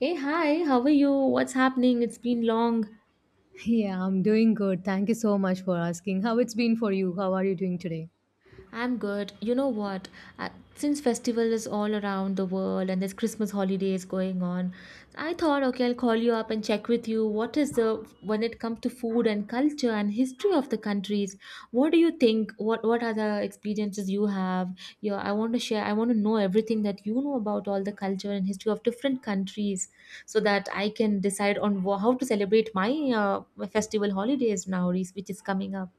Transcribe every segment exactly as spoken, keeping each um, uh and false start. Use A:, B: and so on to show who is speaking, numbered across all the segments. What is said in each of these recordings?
A: Hey, hi, how are you? What's happening? It's been long.
B: Yeah, I'm doing good. Thank you so much for asking. How it's been for you? How are you doing today?
A: I'm good. You know what? Uh, Since festival is all around the world and there's Christmas holidays going on, I thought, okay, I'll call you up and check with you. What is the When it comes to food and culture and history of the countries? What do you think? What what are the experiences you have? Yeah, I want to share. I want to know everything that you know about all the culture and history of different countries, so that I can decide on wha- how to celebrate my uh, festival holidays now, which is coming up.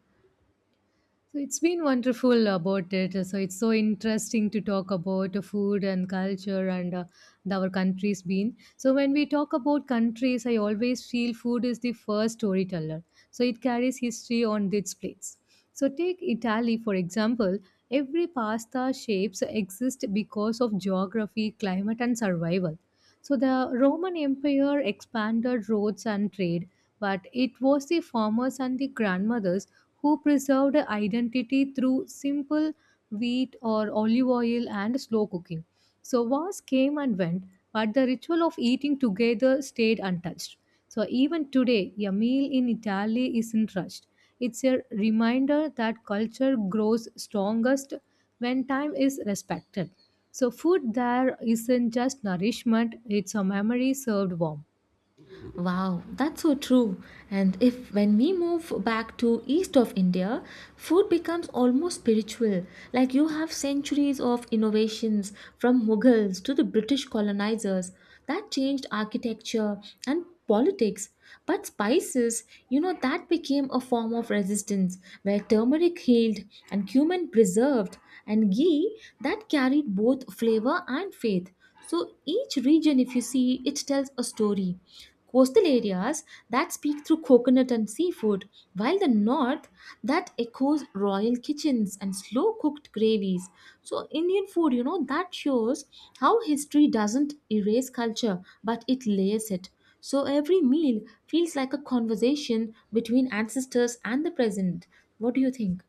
B: So it's been wonderful about it. So it's so interesting to talk about uh, food and culture and uh, the- our country's been. So when we talk about countries, I always feel food is the first storyteller. So it carries history on its plates. So take Italy for example. Every pasta shapes exist because of geography, climate, and survival. So the Roman Empire expanded roads and trade, but it was the farmers and the grandmothers who preserved identity through simple wheat or olive oil and slow cooking. So wars came and went, but the ritual of eating together stayed untouched. So even today, a meal in Italy isn't rushed. It's a reminder that culture grows strongest when time is respected. So food there isn't just nourishment, it's a memory served warm.
A: Wow, that's so true. And if when we move back to east of India, food becomes almost spiritual. Like you have centuries of innovations from Mughals to the British colonizers that changed architecture and politics. But spices, you know, that became a form of resistance where turmeric healed and cumin preserved and ghee that carried both flavor and faith. So each region, if you see, it tells a story coastal areas that speak through coconut and seafood, while the north that echoes royal kitchens and slow cooked gravies. So, Indian food, you know, that shows how history doesn't erase culture but it layers it. So, every meal feels like a conversation between ancestors and the present. What do you think?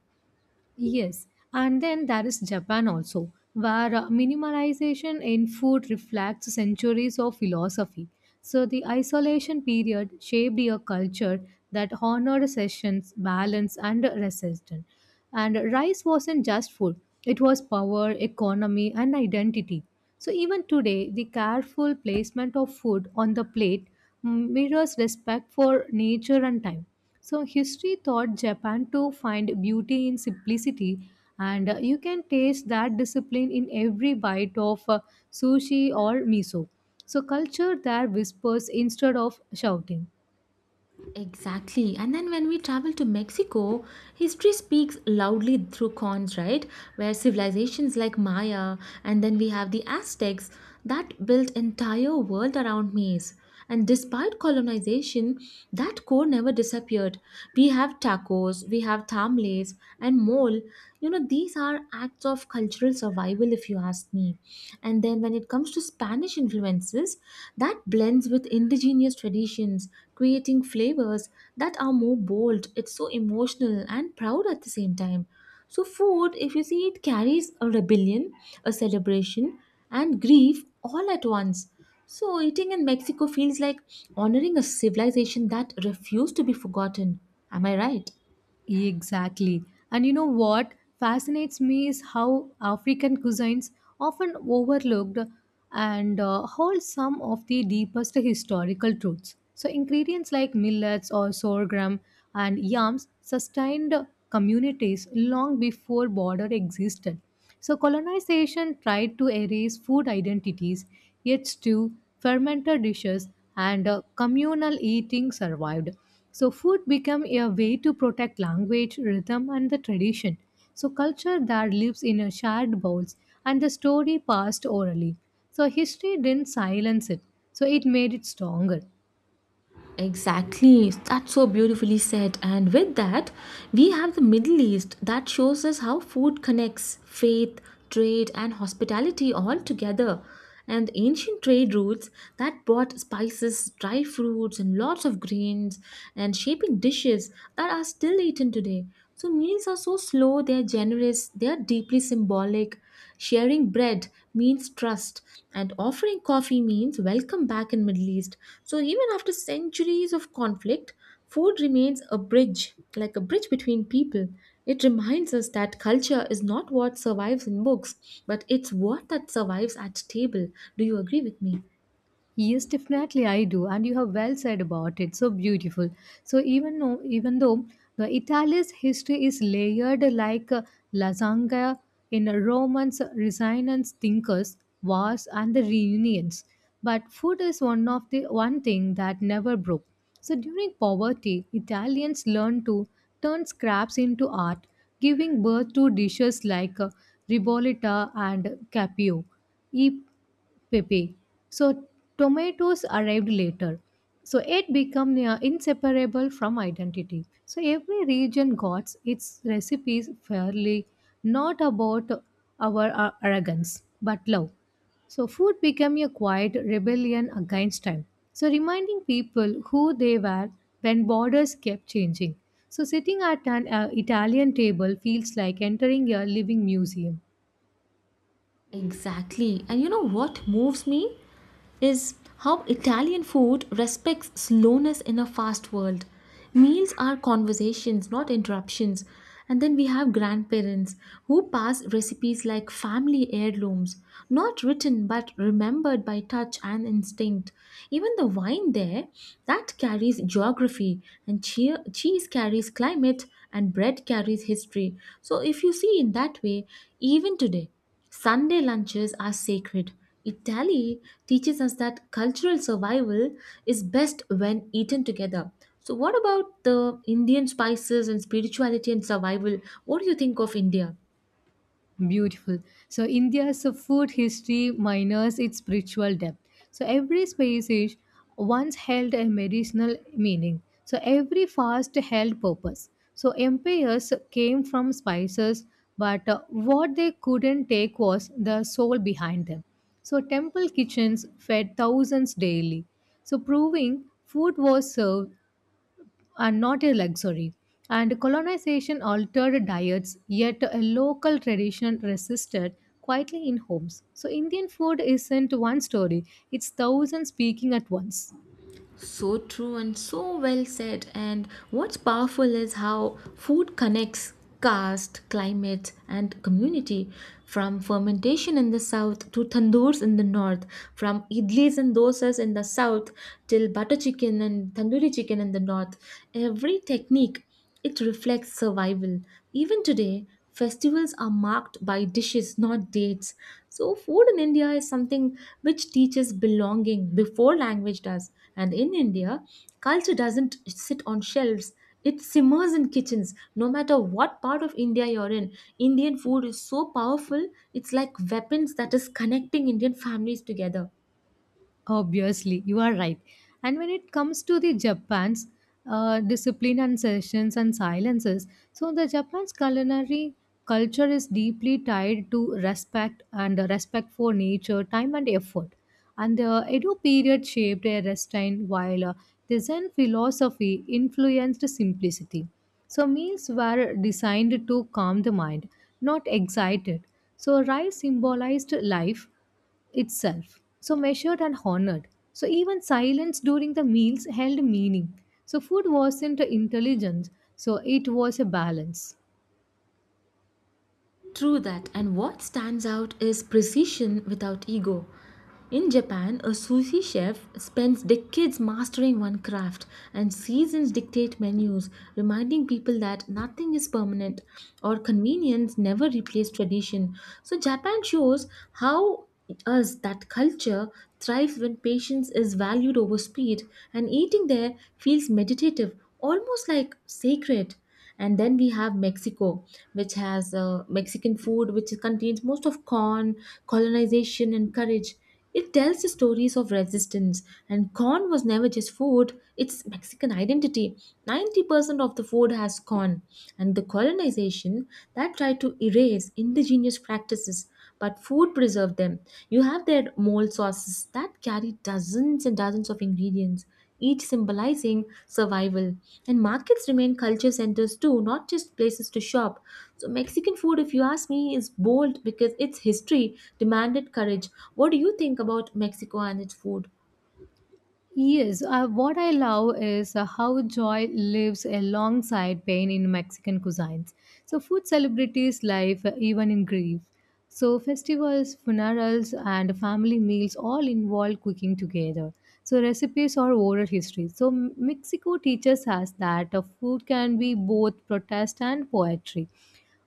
B: Yes, and then there is Japan also, where uh, minimalization in food reflects centuries of philosophy. So the isolation period shaped a culture that honored sessions, balance, and resistance. And rice wasn't just food; it was power, economy, and identity. So even today, the careful placement of food on the plate mm, mirrors respect for nature and time. So history taught Japan to find beauty in simplicity, and uh, you can taste that discipline in every bite of uh, sushi or miso. So culture there whispers instead of shouting.
A: Exactly. And then when we travel to Mexico, history speaks loudly through cons, right? Where civilizations like Maya and then we have the Aztecs that built entire world around maize. And despite colonization, that core never disappeared. We have tacos, we have tamales and mole. You know, these are acts of cultural survival if you ask me. And then when it comes to Spanish influences, that blends with indigenous traditions, creating flavors that are more bold. It's so emotional and proud at the same time. So, food, if you see, it carries a rebellion, a celebration, and grief all at once. So, eating in Mexico feels like honoring a civilization that refused to be forgotten. Am I right?
B: Exactly. And you know what fascinates me is how African cuisines often overlooked and uh, hold some of the deepest historical truths. So ingredients like millets or sorghum and yams sustained communities long before border existed. So colonization tried to erase food identities, yet stew, fermented dishes, and uh, communal eating survived. So food become a way to protect language, rhythm and the tradition. So culture that lives in a shared bowls and the story passed orally. So history didn't silence it. So it made it stronger.
A: Exactly, that's so beautifully said. And with that, we have the Middle East that shows us how food connects faith, trade, and hospitality all together. And ancient trade routes that brought spices, dry fruits, and lots of grains, and shaping dishes that are still eaten today. So meals are so slow, they're generous, they're deeply symbolic. Sharing bread means trust, and offering coffee means welcome back in Middle East. So even after centuries of conflict, food remains a bridge, like a bridge between people. It reminds us that culture is not what survives in books, but it's what that survives at table. Do you agree with me?
B: Yes, definitely I do, and you have well said about it. So beautiful. So even though, even though the Italy's history is layered like uh, lasagna in a Romans, resonance thinkers, wars, and the reunions, but food is one of the one thing that never broke. So during poverty, Italians learned to turn scraps into art, giving birth to dishes like uh, ribollita and capio. Pepe. So tomatoes arrived later. So it became uh, inseparable from identity. So every region got its recipes fairly, not about our uh, arrogance, but love. So food became a quiet rebellion against time. So reminding people who they were when borders kept changing. So sitting at an uh, Italian table feels like entering a living museum.
A: Exactly. And you know what moves me is how Italian food respects slowness in a fast world. Meals are conversations, not interruptions. And then we have grandparents who pass recipes like family heirlooms, not written but remembered by touch and instinct. Even the wine there, that carries geography, and cheer, cheese carries climate, and bread carries history. So, if you see in that way, even today. Sunday lunches are sacred. Italy teaches us that cultural survival is best when eaten together. So, what about the Indian spices and spirituality and survival? What do you think of India?
B: Beautiful. So India's food history minus its spiritual depth. So every species once held a medicinal meaning. So every fast held purpose. So empires came from spices, but uh, what they couldn't take was the soul behind them. So temple kitchens fed thousands daily. So proving food was served are not a luxury. And colonization altered diets, yet a local tradition resisted quietly in homes. So Indian food isn't one story, it's thousands speaking at once.
A: So true and so well said. And what's powerful is how food connects caste, climate, and community. From fermentation in the south to tandoors in the north, from idlis and dosas in the south till butter chicken and tandoori chicken in the north. Every technique it reflects survival. Even today, festivals are marked by dishes, not dates. So, food in India is something which teaches belonging before language does. And in India, culture doesn't sit on shelves. It simmers in kitchens. No matter what part of India you're in, Indian food is so powerful. It's like weapons that is connecting Indian families together.
B: Obviously, you are right. And when it comes to the Japan's uh, discipline and sessions and silences, so the Japan's culinary culture is deeply tied to respect and uh, respect for nature, time, and effort. And the Edo period shaped a restraint while uh, the Zen philosophy influenced simplicity. So meals were designed to calm the mind, not excite it. So rice symbolized life itself. So measured and honored. So even silence during the meals held meaning. So food wasn't intelligence, so it was a balance.
A: True that. And what stands out is precision without ego. In Japan, a sushi chef spends decades mastering one craft, and seasons dictate menus, reminding people that nothing is permanent or convenience never replaces tradition. So, Japan shows how us that culture thrives when patience is valued over speed, and eating there feels meditative, almost like sacred. And then we have Mexico, which has uh, Mexican food which contains most of corn, colonization and courage. It tells the stories of resistance, and corn was never just food, it's Mexican identity. ninety percent of the food has corn, and the colonization that tried to erase indigenous practices, but food preserved them. You have their mole sauces that carry dozens and dozens of ingredients each symbolizing survival. And markets remain culture centers too, not just places to shop. So, Mexican food, if you ask me, is bold because its history demanded courage. What do you think about Mexico and its food?
B: Yes, uh, what I love is uh, how joy lives alongside pain in Mexican cuisines. So food celebrities life uh, even in grief. So festivals, funerals, and family meals all involve cooking together. So recipes are oral history. So M- Mexico teaches us that uh, food can be both protest and poetry.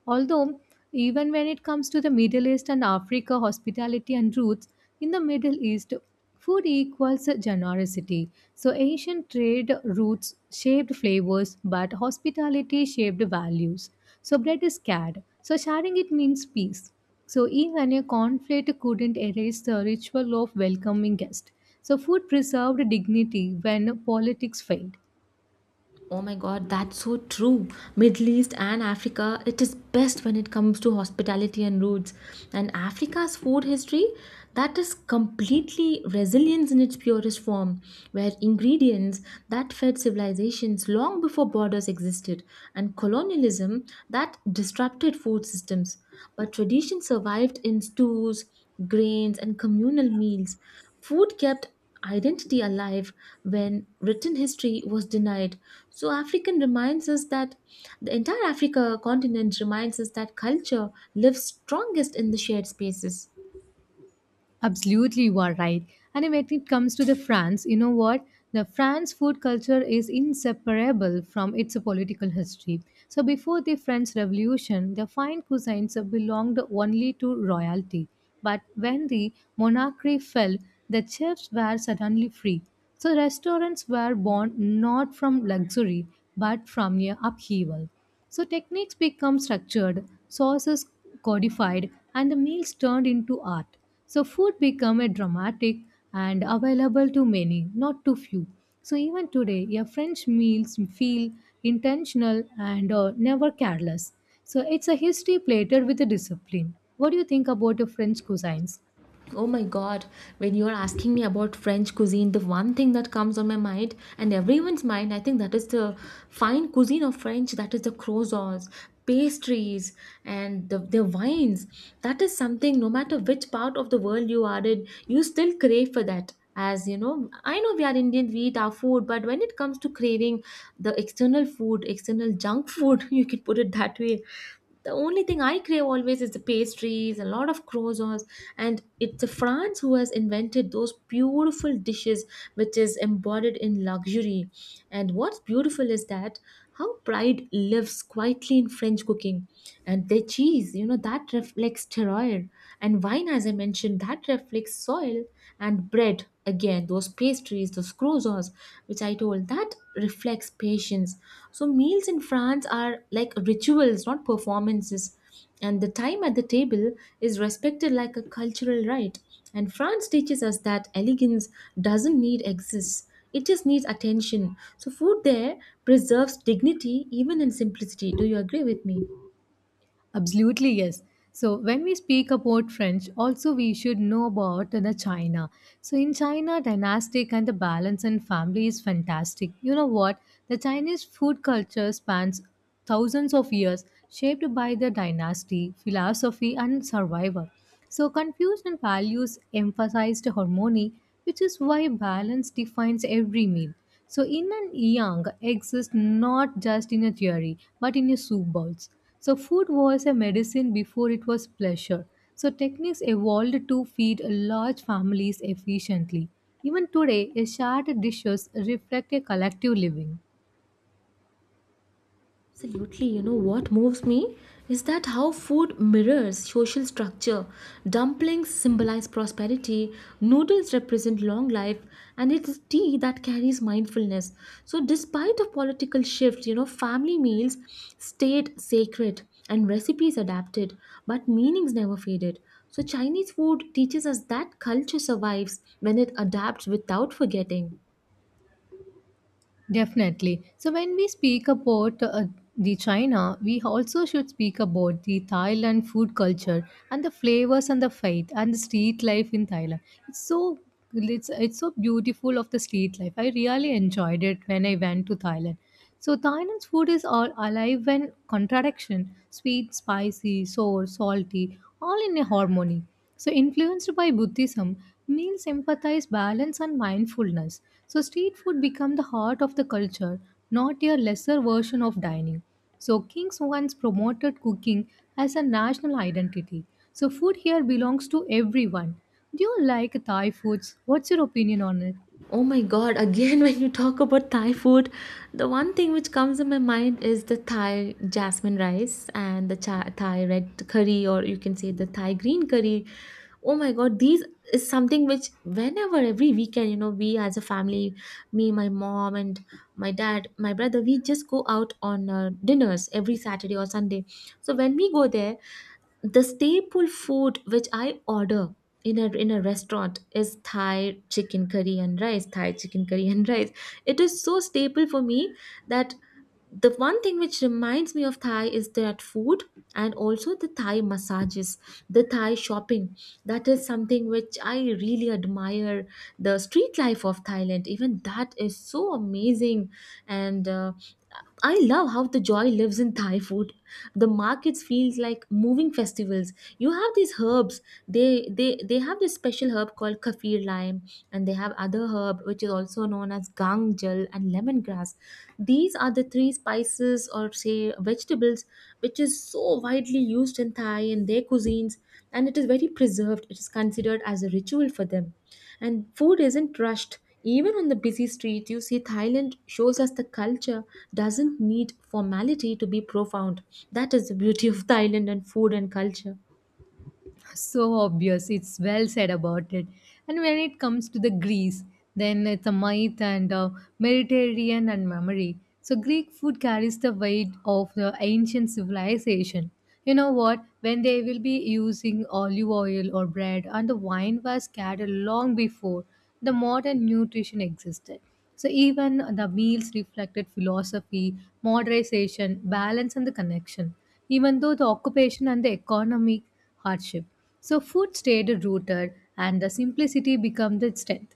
B: Although, even when it comes to the Middle East and Africa, hospitality and roots, in the Middle East, food equals generosity. So ancient trade routes shaped flavors, but hospitality shaped values. So bread is scared. So sharing it means peace. So even a conflict couldn't erase the ritual of welcoming guests. So food preserved dignity when politics failed.
A: Oh my god, that's so true. Middle East and Africa, it is best when it comes to hospitality and roots. And Africa's food history, that is completely resilience in its purest form, where ingredients that fed civilizations long before borders existed, and colonialism that disrupted food systems. But tradition survived in stews, grains, and communal meals. Food kept identity alive when written history was denied. So, African reminds us that the entire Africa continent reminds us that culture lives strongest in the shared spaces.
B: Absolutely, you are right. And when it comes to the France, you know what? The France food culture is inseparable from its political history. So before the French Revolution, the fine cuisines belonged only to royalty. But when the monarchy fell, the chefs were suddenly free. So restaurants were born not from luxury, but from a upheaval. So techniques become structured, sources codified, and the meals turned into art. So food become a dramatic and available to many, not to few. So even today, your French meals feel intentional and uh, never careless. So it's a history plated with a discipline. What do you think about your French cuisines?
A: Oh my god, when you're asking me about French cuisine, the one thing that comes on my mind and everyone's mind, I think that is the fine cuisine of French, that is the croissants, pastries, and the, their wines. That is something, no matter which part of the world you are in, you still crave for that. As you know, I know we are Indian, we eat our food, but when it comes to craving the external food, external junk food, you can put it that way, the only thing I crave always is the pastries, a lot of croissants, and it's France who has invented those beautiful dishes which is embodied in luxury. And what's beautiful is that how pride lives quietly in French cooking, and their cheese, you know, that reflects terroir, and wine, as I mentioned, that reflects soil, and bread again bread those pastries those croissants which I told that reflects patience. So meals in France are like rituals, not performances, and the time at the table is respected like a cultural right. And France teaches us that elegance doesn't need excess; it just needs attention. So food there preserves dignity even in simplicity. Do you agree with me?
B: Absolutely, yes. So when we speak about French, also we should know about uh, the China. So in China, dynastic and the balance in family is fantastic. You know what? The Chinese food culture spans thousands of years, shaped by the dynasty, philosophy, and survival. So Confucian values emphasized harmony, which is why balance defines every meal. So yin and yang exist not just in a theory, but in your soup bowls. So food was a medicine before it was pleasure. So techniques evolved to feed large families efficiently. Even today, a shared dishes reflect a collective living.
A: Absolutely, you know what moves me is that how food mirrors social structure. Dumplings symbolize prosperity, noodles represent long life, and it is tea that carries mindfulness. So, despite a political shift, you know, family meals stayed sacred and recipes adapted, but meanings never faded. So, Chinese food teaches us that culture survives when it adapts without forgetting.
B: Definitely. So when we speak about uh, the China, we also should speak about the Thailand food culture and the flavors and the faith and the street life in Thailand. It's so it's it's so beautiful of the street life. I really enjoyed it when I went to Thailand. So Thailand's food is all alive and contradiction, sweet, spicy, sour, salty, all in a harmony. So, influenced by Buddhism, meals emphasize balance and mindfulness. So street food became the heart of the culture, not a lesser version of dining. So kings once promoted cooking as a national identity. So food here belongs to everyone. Do you like Thai foods? What's your opinion on it?
A: Oh my god, again, when you talk about Thai food, the one thing which comes in my mind is the Thai jasmine rice and the cha- Thai red curry, or you can say the Thai green curry. Oh my god, these is something which, whenever every weekend, you know, we as a family, me, my mom, and my dad, my brother, we just go out on uh, dinners every Saturday or Sunday. So when we go there, the staple food which I order in a in a restaurant is Thai chicken curry and rice. Thai chicken curry and rice. It is so staple for me that the one thing which reminds me of Thai is that food and also the Thai massages, the Thai shopping. That is something which I really admire. The street life of Thailand, even that is so amazing, and uh, I love how the joy lives in Thai food. The markets feels like moving festivals. You have these herbs. They they they have this special herb called kaffir lime, and they have other herb which is also known as gang jal and lemongrass. These are the three spices or say vegetables which is so widely used in Thai and their cuisines and it is very preserved. It is considered as a ritual for them. And food isn't rushed. Even on the busy street, you see Thailand shows us the culture doesn't need formality to be profound. That is the beauty of Thailand and food and culture.
B: So obvious, it's well said about it. And when it comes to the Greece, then it's a myth and uh, Mediterranean and memory. So Greek food carries the weight of the ancient civilization. You know what, when they will be using olive oil or bread and the wine was carried long before the modern nutrition existed. So even the meals reflected philosophy, moderation, balance, and the connection, even though the occupation and the economy hardship. So food stayed rooted and the simplicity became the strength.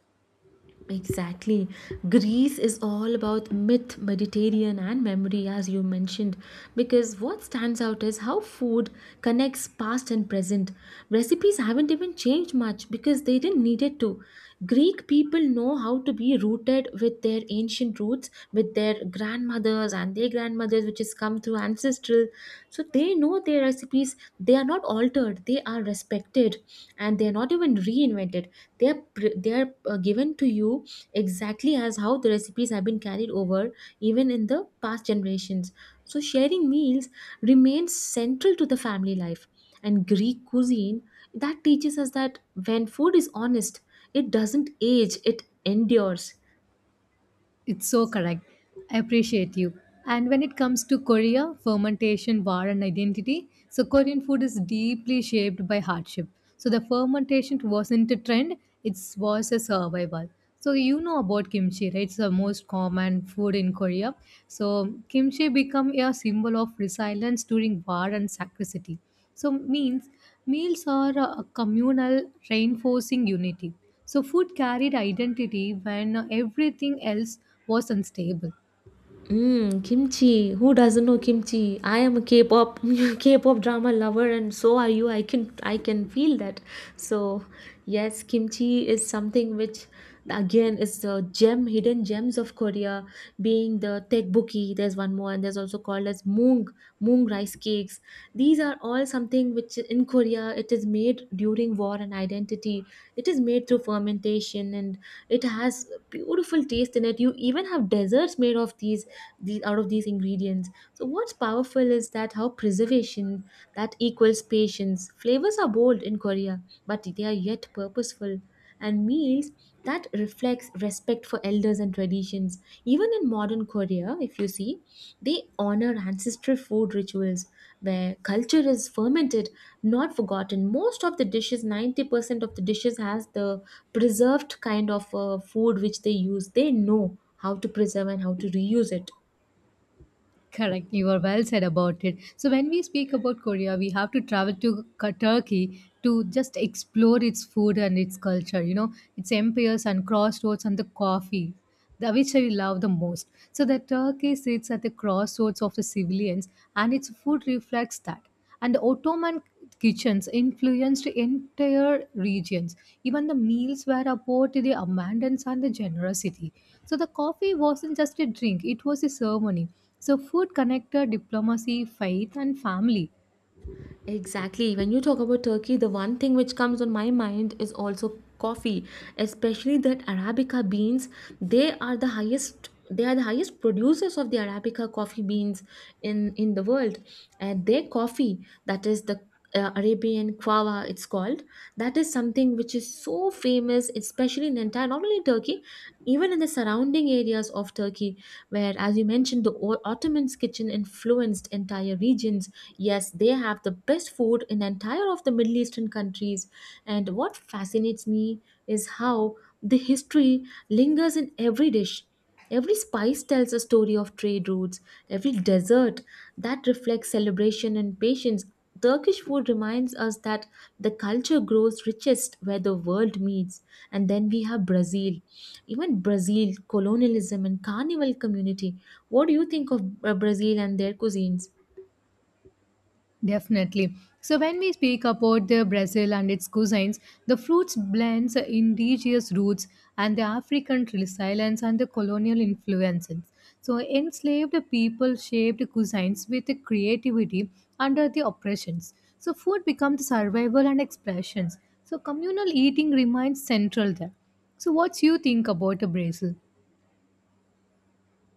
A: Exactly. Greece is all about myth, Mediterranean, and memory, as you mentioned, because what stands out is how food connects past and present. Recipes haven't even changed much because they didn't need it to. Greek people know how to be rooted with their ancient roots, with their grandmothers and their grandmothers, which has come through ancestral. So they know their recipes, they are not altered, they are respected, and they are not even reinvented. They are pre- they are uh, given to you exactly as how the recipes have been carried over even in the past generations. So sharing meals remains central to the family life and Greek cuisine that teaches us that when food is honest, it doesn't age, it endures.
B: It's so correct. I appreciate you. And when it comes to Korea, fermentation, war, and identity, so Korean food is deeply shaped by hardship. So the fermentation wasn't a trend, it was a survival. So you know about kimchi, right? It's the most common food in Korea. So kimchi become a symbol of resilience during war and scarcity. So means meals are uh, communal, reinforcing unity. So food carried identity when everything else was unstable.
A: Mm, kimchi. Who doesn't know kimchi? I am a K-pop K-pop drama lover and so are you. I can I can feel that. So, yes, kimchi is something which again is the gem hidden gems of Korea, being the tteokbokki. There's one more and there's also called as mung mung rice cakes. These are all something which in Korea it is made during war and identity. It is made through fermentation and it has beautiful taste in it. You even have desserts made of these the out of these ingredients. So what's powerful is that how preservation that equals patience. Flavors are bold in Korea, but they are yet purposeful, and meals that reflects respect for elders and traditions. Even in modern Korea, if you see, they honor ancestral food rituals where culture is fermented, not forgotten. Most of the dishes, ninety percent of the dishes has the preserved kind of uh, food which they use. They know how to preserve and how to reuse it.
B: Correct. You are well said about it. So when we speak about Korea, we have to travel to K- Turkey to just explore its food and its culture. You know, its empires and crossroads and the coffee, the- which I love the most. So the Turkey sits at the crossroads of the civilians, and its food reflects that. And the Ottoman kitchens influenced entire regions. Even the meals were about the abundance and the generosity. So the coffee wasn't just a drink, it was a ceremony. So food connected diplomacy, faith, and family.
A: Exactly. When you talk about Turkey, the one thing which comes on my mind is also coffee, especially that Arabica beans. They are the highest they are the highest producers of the Arabica coffee beans in in the world. And their coffee, that is the uh, Arabian Quava, it's called. That is something which is so famous, especially in entire, not only Turkey, even in the surrounding areas of Turkey, where, as you mentioned, the O- Ottoman's kitchen influenced entire regions. Yes, they have the best food in entire of the Middle Eastern countries. And what fascinates me is how the history lingers in every dish. Every spice tells a story of trade routes, every dessert that reflects celebration and patience. Turkish food reminds us that the culture grows richest where the world meets. And then we have Brazil. Even Brazil, colonialism, and carnival community. What do you think of uh, Brazil and their cuisines?
B: Definitely. So when we speak about the Brazil and its cuisines, the fruits blends indigenous roots and the African resilience and the colonial influences. So enslaved people shaped cuisines with the creativity under the oppressions. So food becomes survival and expressions. So communal eating remains central there. So what you think about the Brazil?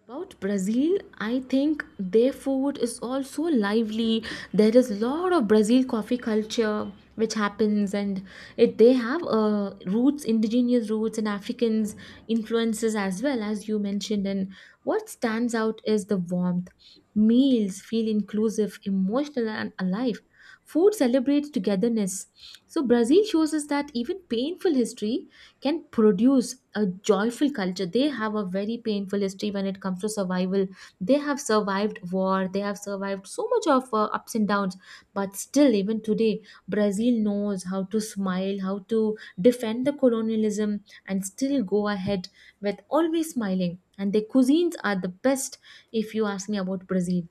A: About Brazil, I think their food is also lively. There is a lot of Brazil coffee culture which happens, and it they have uh, roots, indigenous roots, and Africans influences as well, as you mentioned. And what stands out is the warmth. Meals feel inclusive, emotional, and alive. Food celebrates togetherness. So, Brazil shows us that even painful history can produce a joyful culture. They have a very painful history when it comes to survival. They have survived war, they have survived so much of uh, ups and downs. But still, even today, Brazil knows how to smile, how to defend the colonialism, and still go ahead with always smiling. And their cuisines are the best if you ask me about Brazil.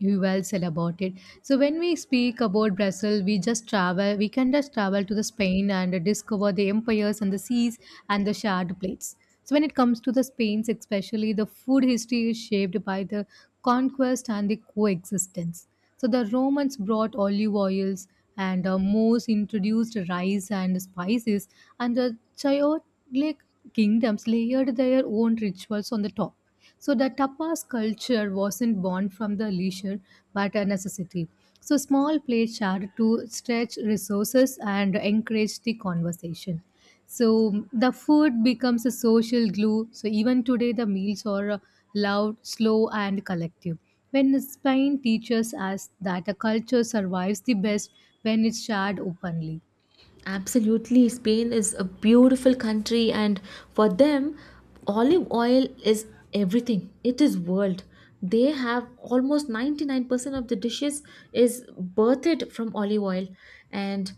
B: You well said about it. So when we speak about Brazil, we just travel. We can just travel to the Spain and discover the empires and the seas and the shared plates. So when it comes to the Spain's, especially the food history is shaped by the conquest and the coexistence. So the Romans brought olive oils and uh, Moors introduced rice and spices, and the Chaotic kingdoms layered their own rituals on the top. So the tapas culture wasn't born from the leisure but a necessity. So small plates shared to stretch resources and encourage the conversation. So the food becomes a social glue. So even today the meals are uh, loud, slow and collective. When Spain teaches us that a culture survives the best when it's shared openly.
A: Absolutely. Spain is a beautiful country, and for them, olive oil is everything. It is world. They have almost ninety-nine percent of the dishes is birthed from olive oil. And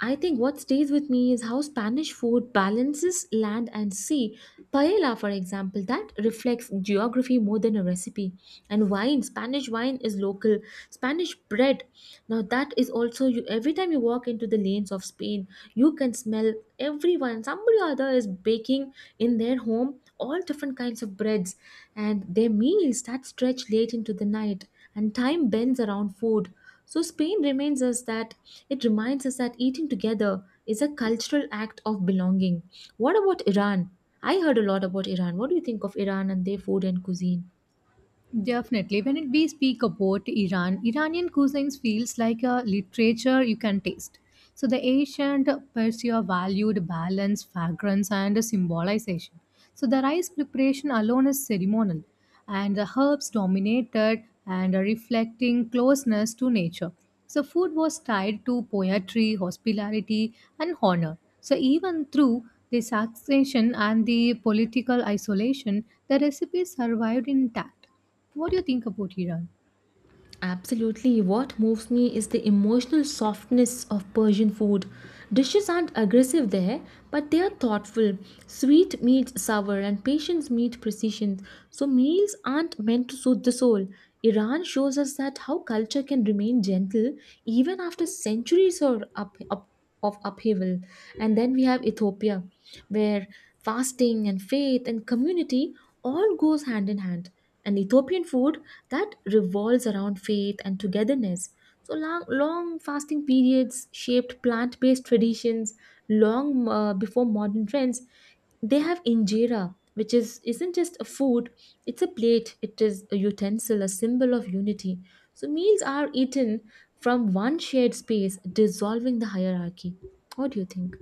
A: I think what stays with me is how Spanish food balances land and sea. Paella, for example, that reflects geography more than a recipe. And wine, Spanish wine is local. Spanish bread, now that is also, you, every time you walk into the lanes of Spain, you can smell, everyone, somebody or other, is baking in their home all different kinds of breads. And their meals that stretch late into the night, and time bends around food. So Spain reminds us that, it reminds us that eating together is a cultural act of belonging. What about Iran? I heard a lot about Iran. What do you think of Iran and their food and cuisine?
B: Definitely. When it- we speak about Iran, Iranian cuisines feels like a literature you can taste. So the ancient Persia valued balance, fragrance, and symbolization. So the rice preparation alone is ceremonial, and the herbs dominated and are reflecting closeness to nature. So food was tied to poetry, hospitality, and honor. So even through the taxation and the political isolation, the recipe survived intact. What do you think about Iran?
A: Absolutely. What moves me is the emotional softness of Persian food. Dishes aren't aggressive there, but they are thoughtful. Sweet meets sour, and patience meets precision. So, meals aren't meant to soothe the soul. Iran shows us that how culture can remain gentle even after centuries are up, up of upheaval. And then we have Ethiopia, where fasting and faith and community all goes hand in hand. And Ethiopian food that revolves around faith and togetherness. So long, long fasting periods shaped plant-based traditions long uh, before modern trends. They have injera, which is isn't just a food, it's a plate, it is a utensil, a symbol of unity. So meals are eaten from one shared space, dissolving the hierarchy. What do you think?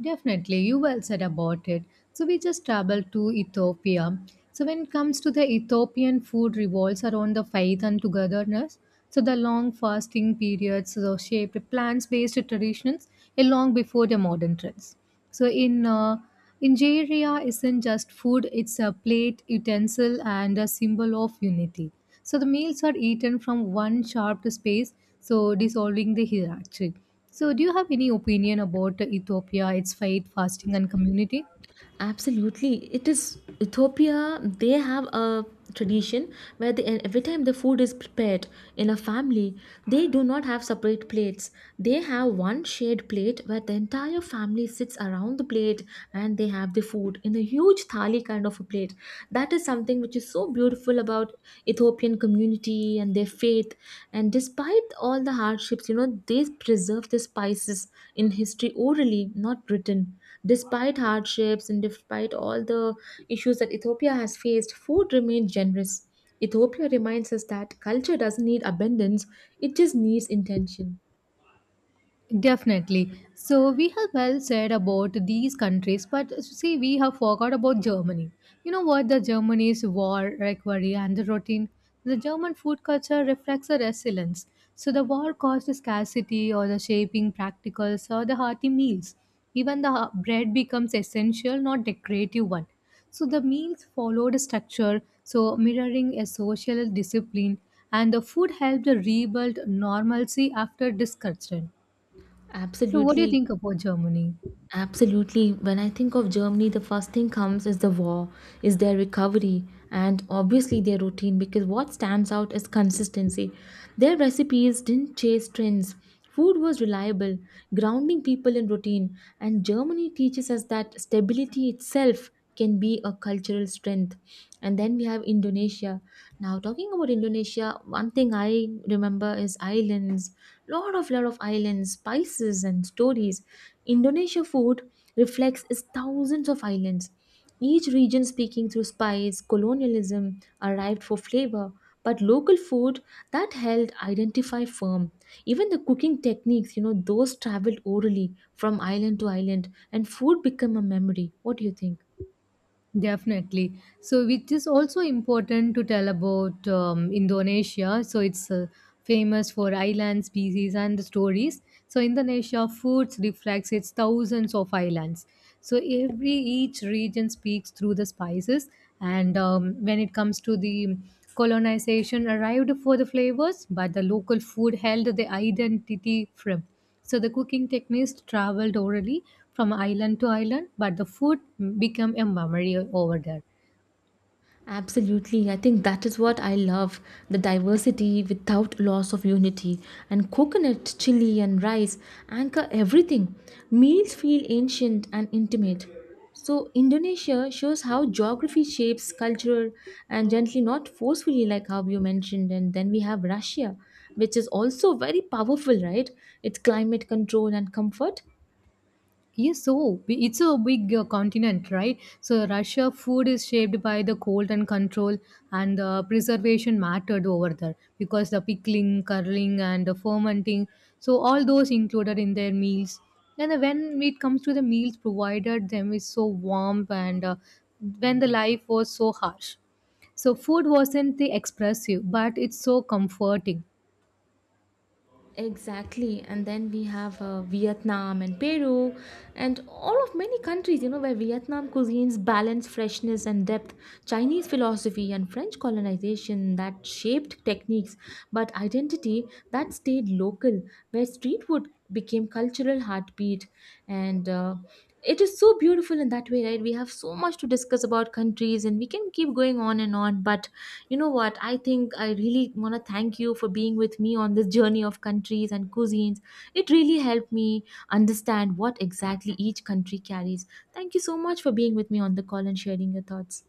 B: Definitely, you well said about it. So we just traveled to Ethiopia. So when it comes to the Ethiopian food revolves around the faith and togetherness. So the long fasting periods so shaped plants-based traditions a long before the modern trends. So in uh, injera isn't just food; it's a plate, utensil, and a symbol of unity. So the meals are eaten from one sharp space, so dissolving the hierarchy. So do you have any opinion about Ethiopia, its fate, fasting, and community?
A: Absolutely. It is Ethiopia, they have a tradition where they, every time the food is prepared in a family, they do not have separate plates. They have one shared plate where the entire family sits around the plate and they have the food in a huge thali kind of a plate. That is something which is so beautiful about Ethiopian community and their faith. And despite all the hardships, you know, they preserve the spices in history orally, not written. Despite hardships and despite all the issues that Ethiopia has faced, food remained generous. Ethiopia reminds us that culture doesn't need abundance, it just needs intention.
B: Definitely. So we have well said about these countries, but see, we have forgot about Germany. You know what? The Germany's war recovery and the routine. The German food culture reflects a resilience. So the war caused scarcity or the shaping practicals or the hearty meals. Even the ha- bread becomes essential, not decorative one. So the meals followed a structure, so mirroring a social discipline, and the food helped rebuild normalcy after disruption. So, what do you
A: Absolutely.
B: think about Germany?
A: Absolutely. When I think of Germany, the first thing comes is the war, is their recovery, and obviously their routine, because what stands out is consistency. Their recipes didn't chase trends. Food was reliable, grounding people in routine, and Germany teaches us that stability itself can be a cultural strength. And then we have Indonesia. Now talking about Indonesia, one thing I remember is islands. Lot of lot of islands, spices and stories. Indonesia food reflects its thousands of islands. Each region speaking through spice, colonialism arrived for flavor, but local food that held identify firm. Even the cooking techniques, you know, those traveled orally from island to island, and food became a memory. What do you think?
B: Definitely. So, which is also important to tell about um, Indonesia. So it's uh, famous for island species and the stories. So Indonesia foods reflects its thousands of islands. So every each region speaks through the spices. And um, when it comes to the colonization, arrived for the flavors, but the local food held the identity firm. So the cooking techniques traveled orally from island to island, but the food became a memory over there.
A: Absolutely. I think that is what I love, the diversity without loss of unity. And coconut, chili, and rice anchor everything. Meals feel ancient and intimate. So, Indonesia shows how geography shapes culture and gently, not forcefully, like how you mentioned. And then we have Russia, which is also very powerful, right? Its climate control and comfort.
B: Yes, so b- it's a big uh, continent, right? So Russia food is shaped by the cold and control, and the preservation mattered over there because the pickling, curling, and the fermenting. So all those included in their meals. And then when it comes to the meals provided, them is so warm, and uh, when the life was so harsh. So food wasn't the expressive, but it's so comforting.
A: Exactly, and then we have uh, Vietnam and Peru, and all of many countries, you know, where Vietnam cuisines balance freshness and depth, Chinese philosophy and French colonization that shaped techniques, but identity that stayed local, where street food became cultural heartbeat, and uh, it is so beautiful in that way, right? We have so much to discuss about countries and we can keep going on and on, but you know what, I think I really want to thank you for being with me on this journey of countries and cuisines. It really helped me understand what exactly each country carries. Thank you so much for being with me on the call and sharing your thoughts.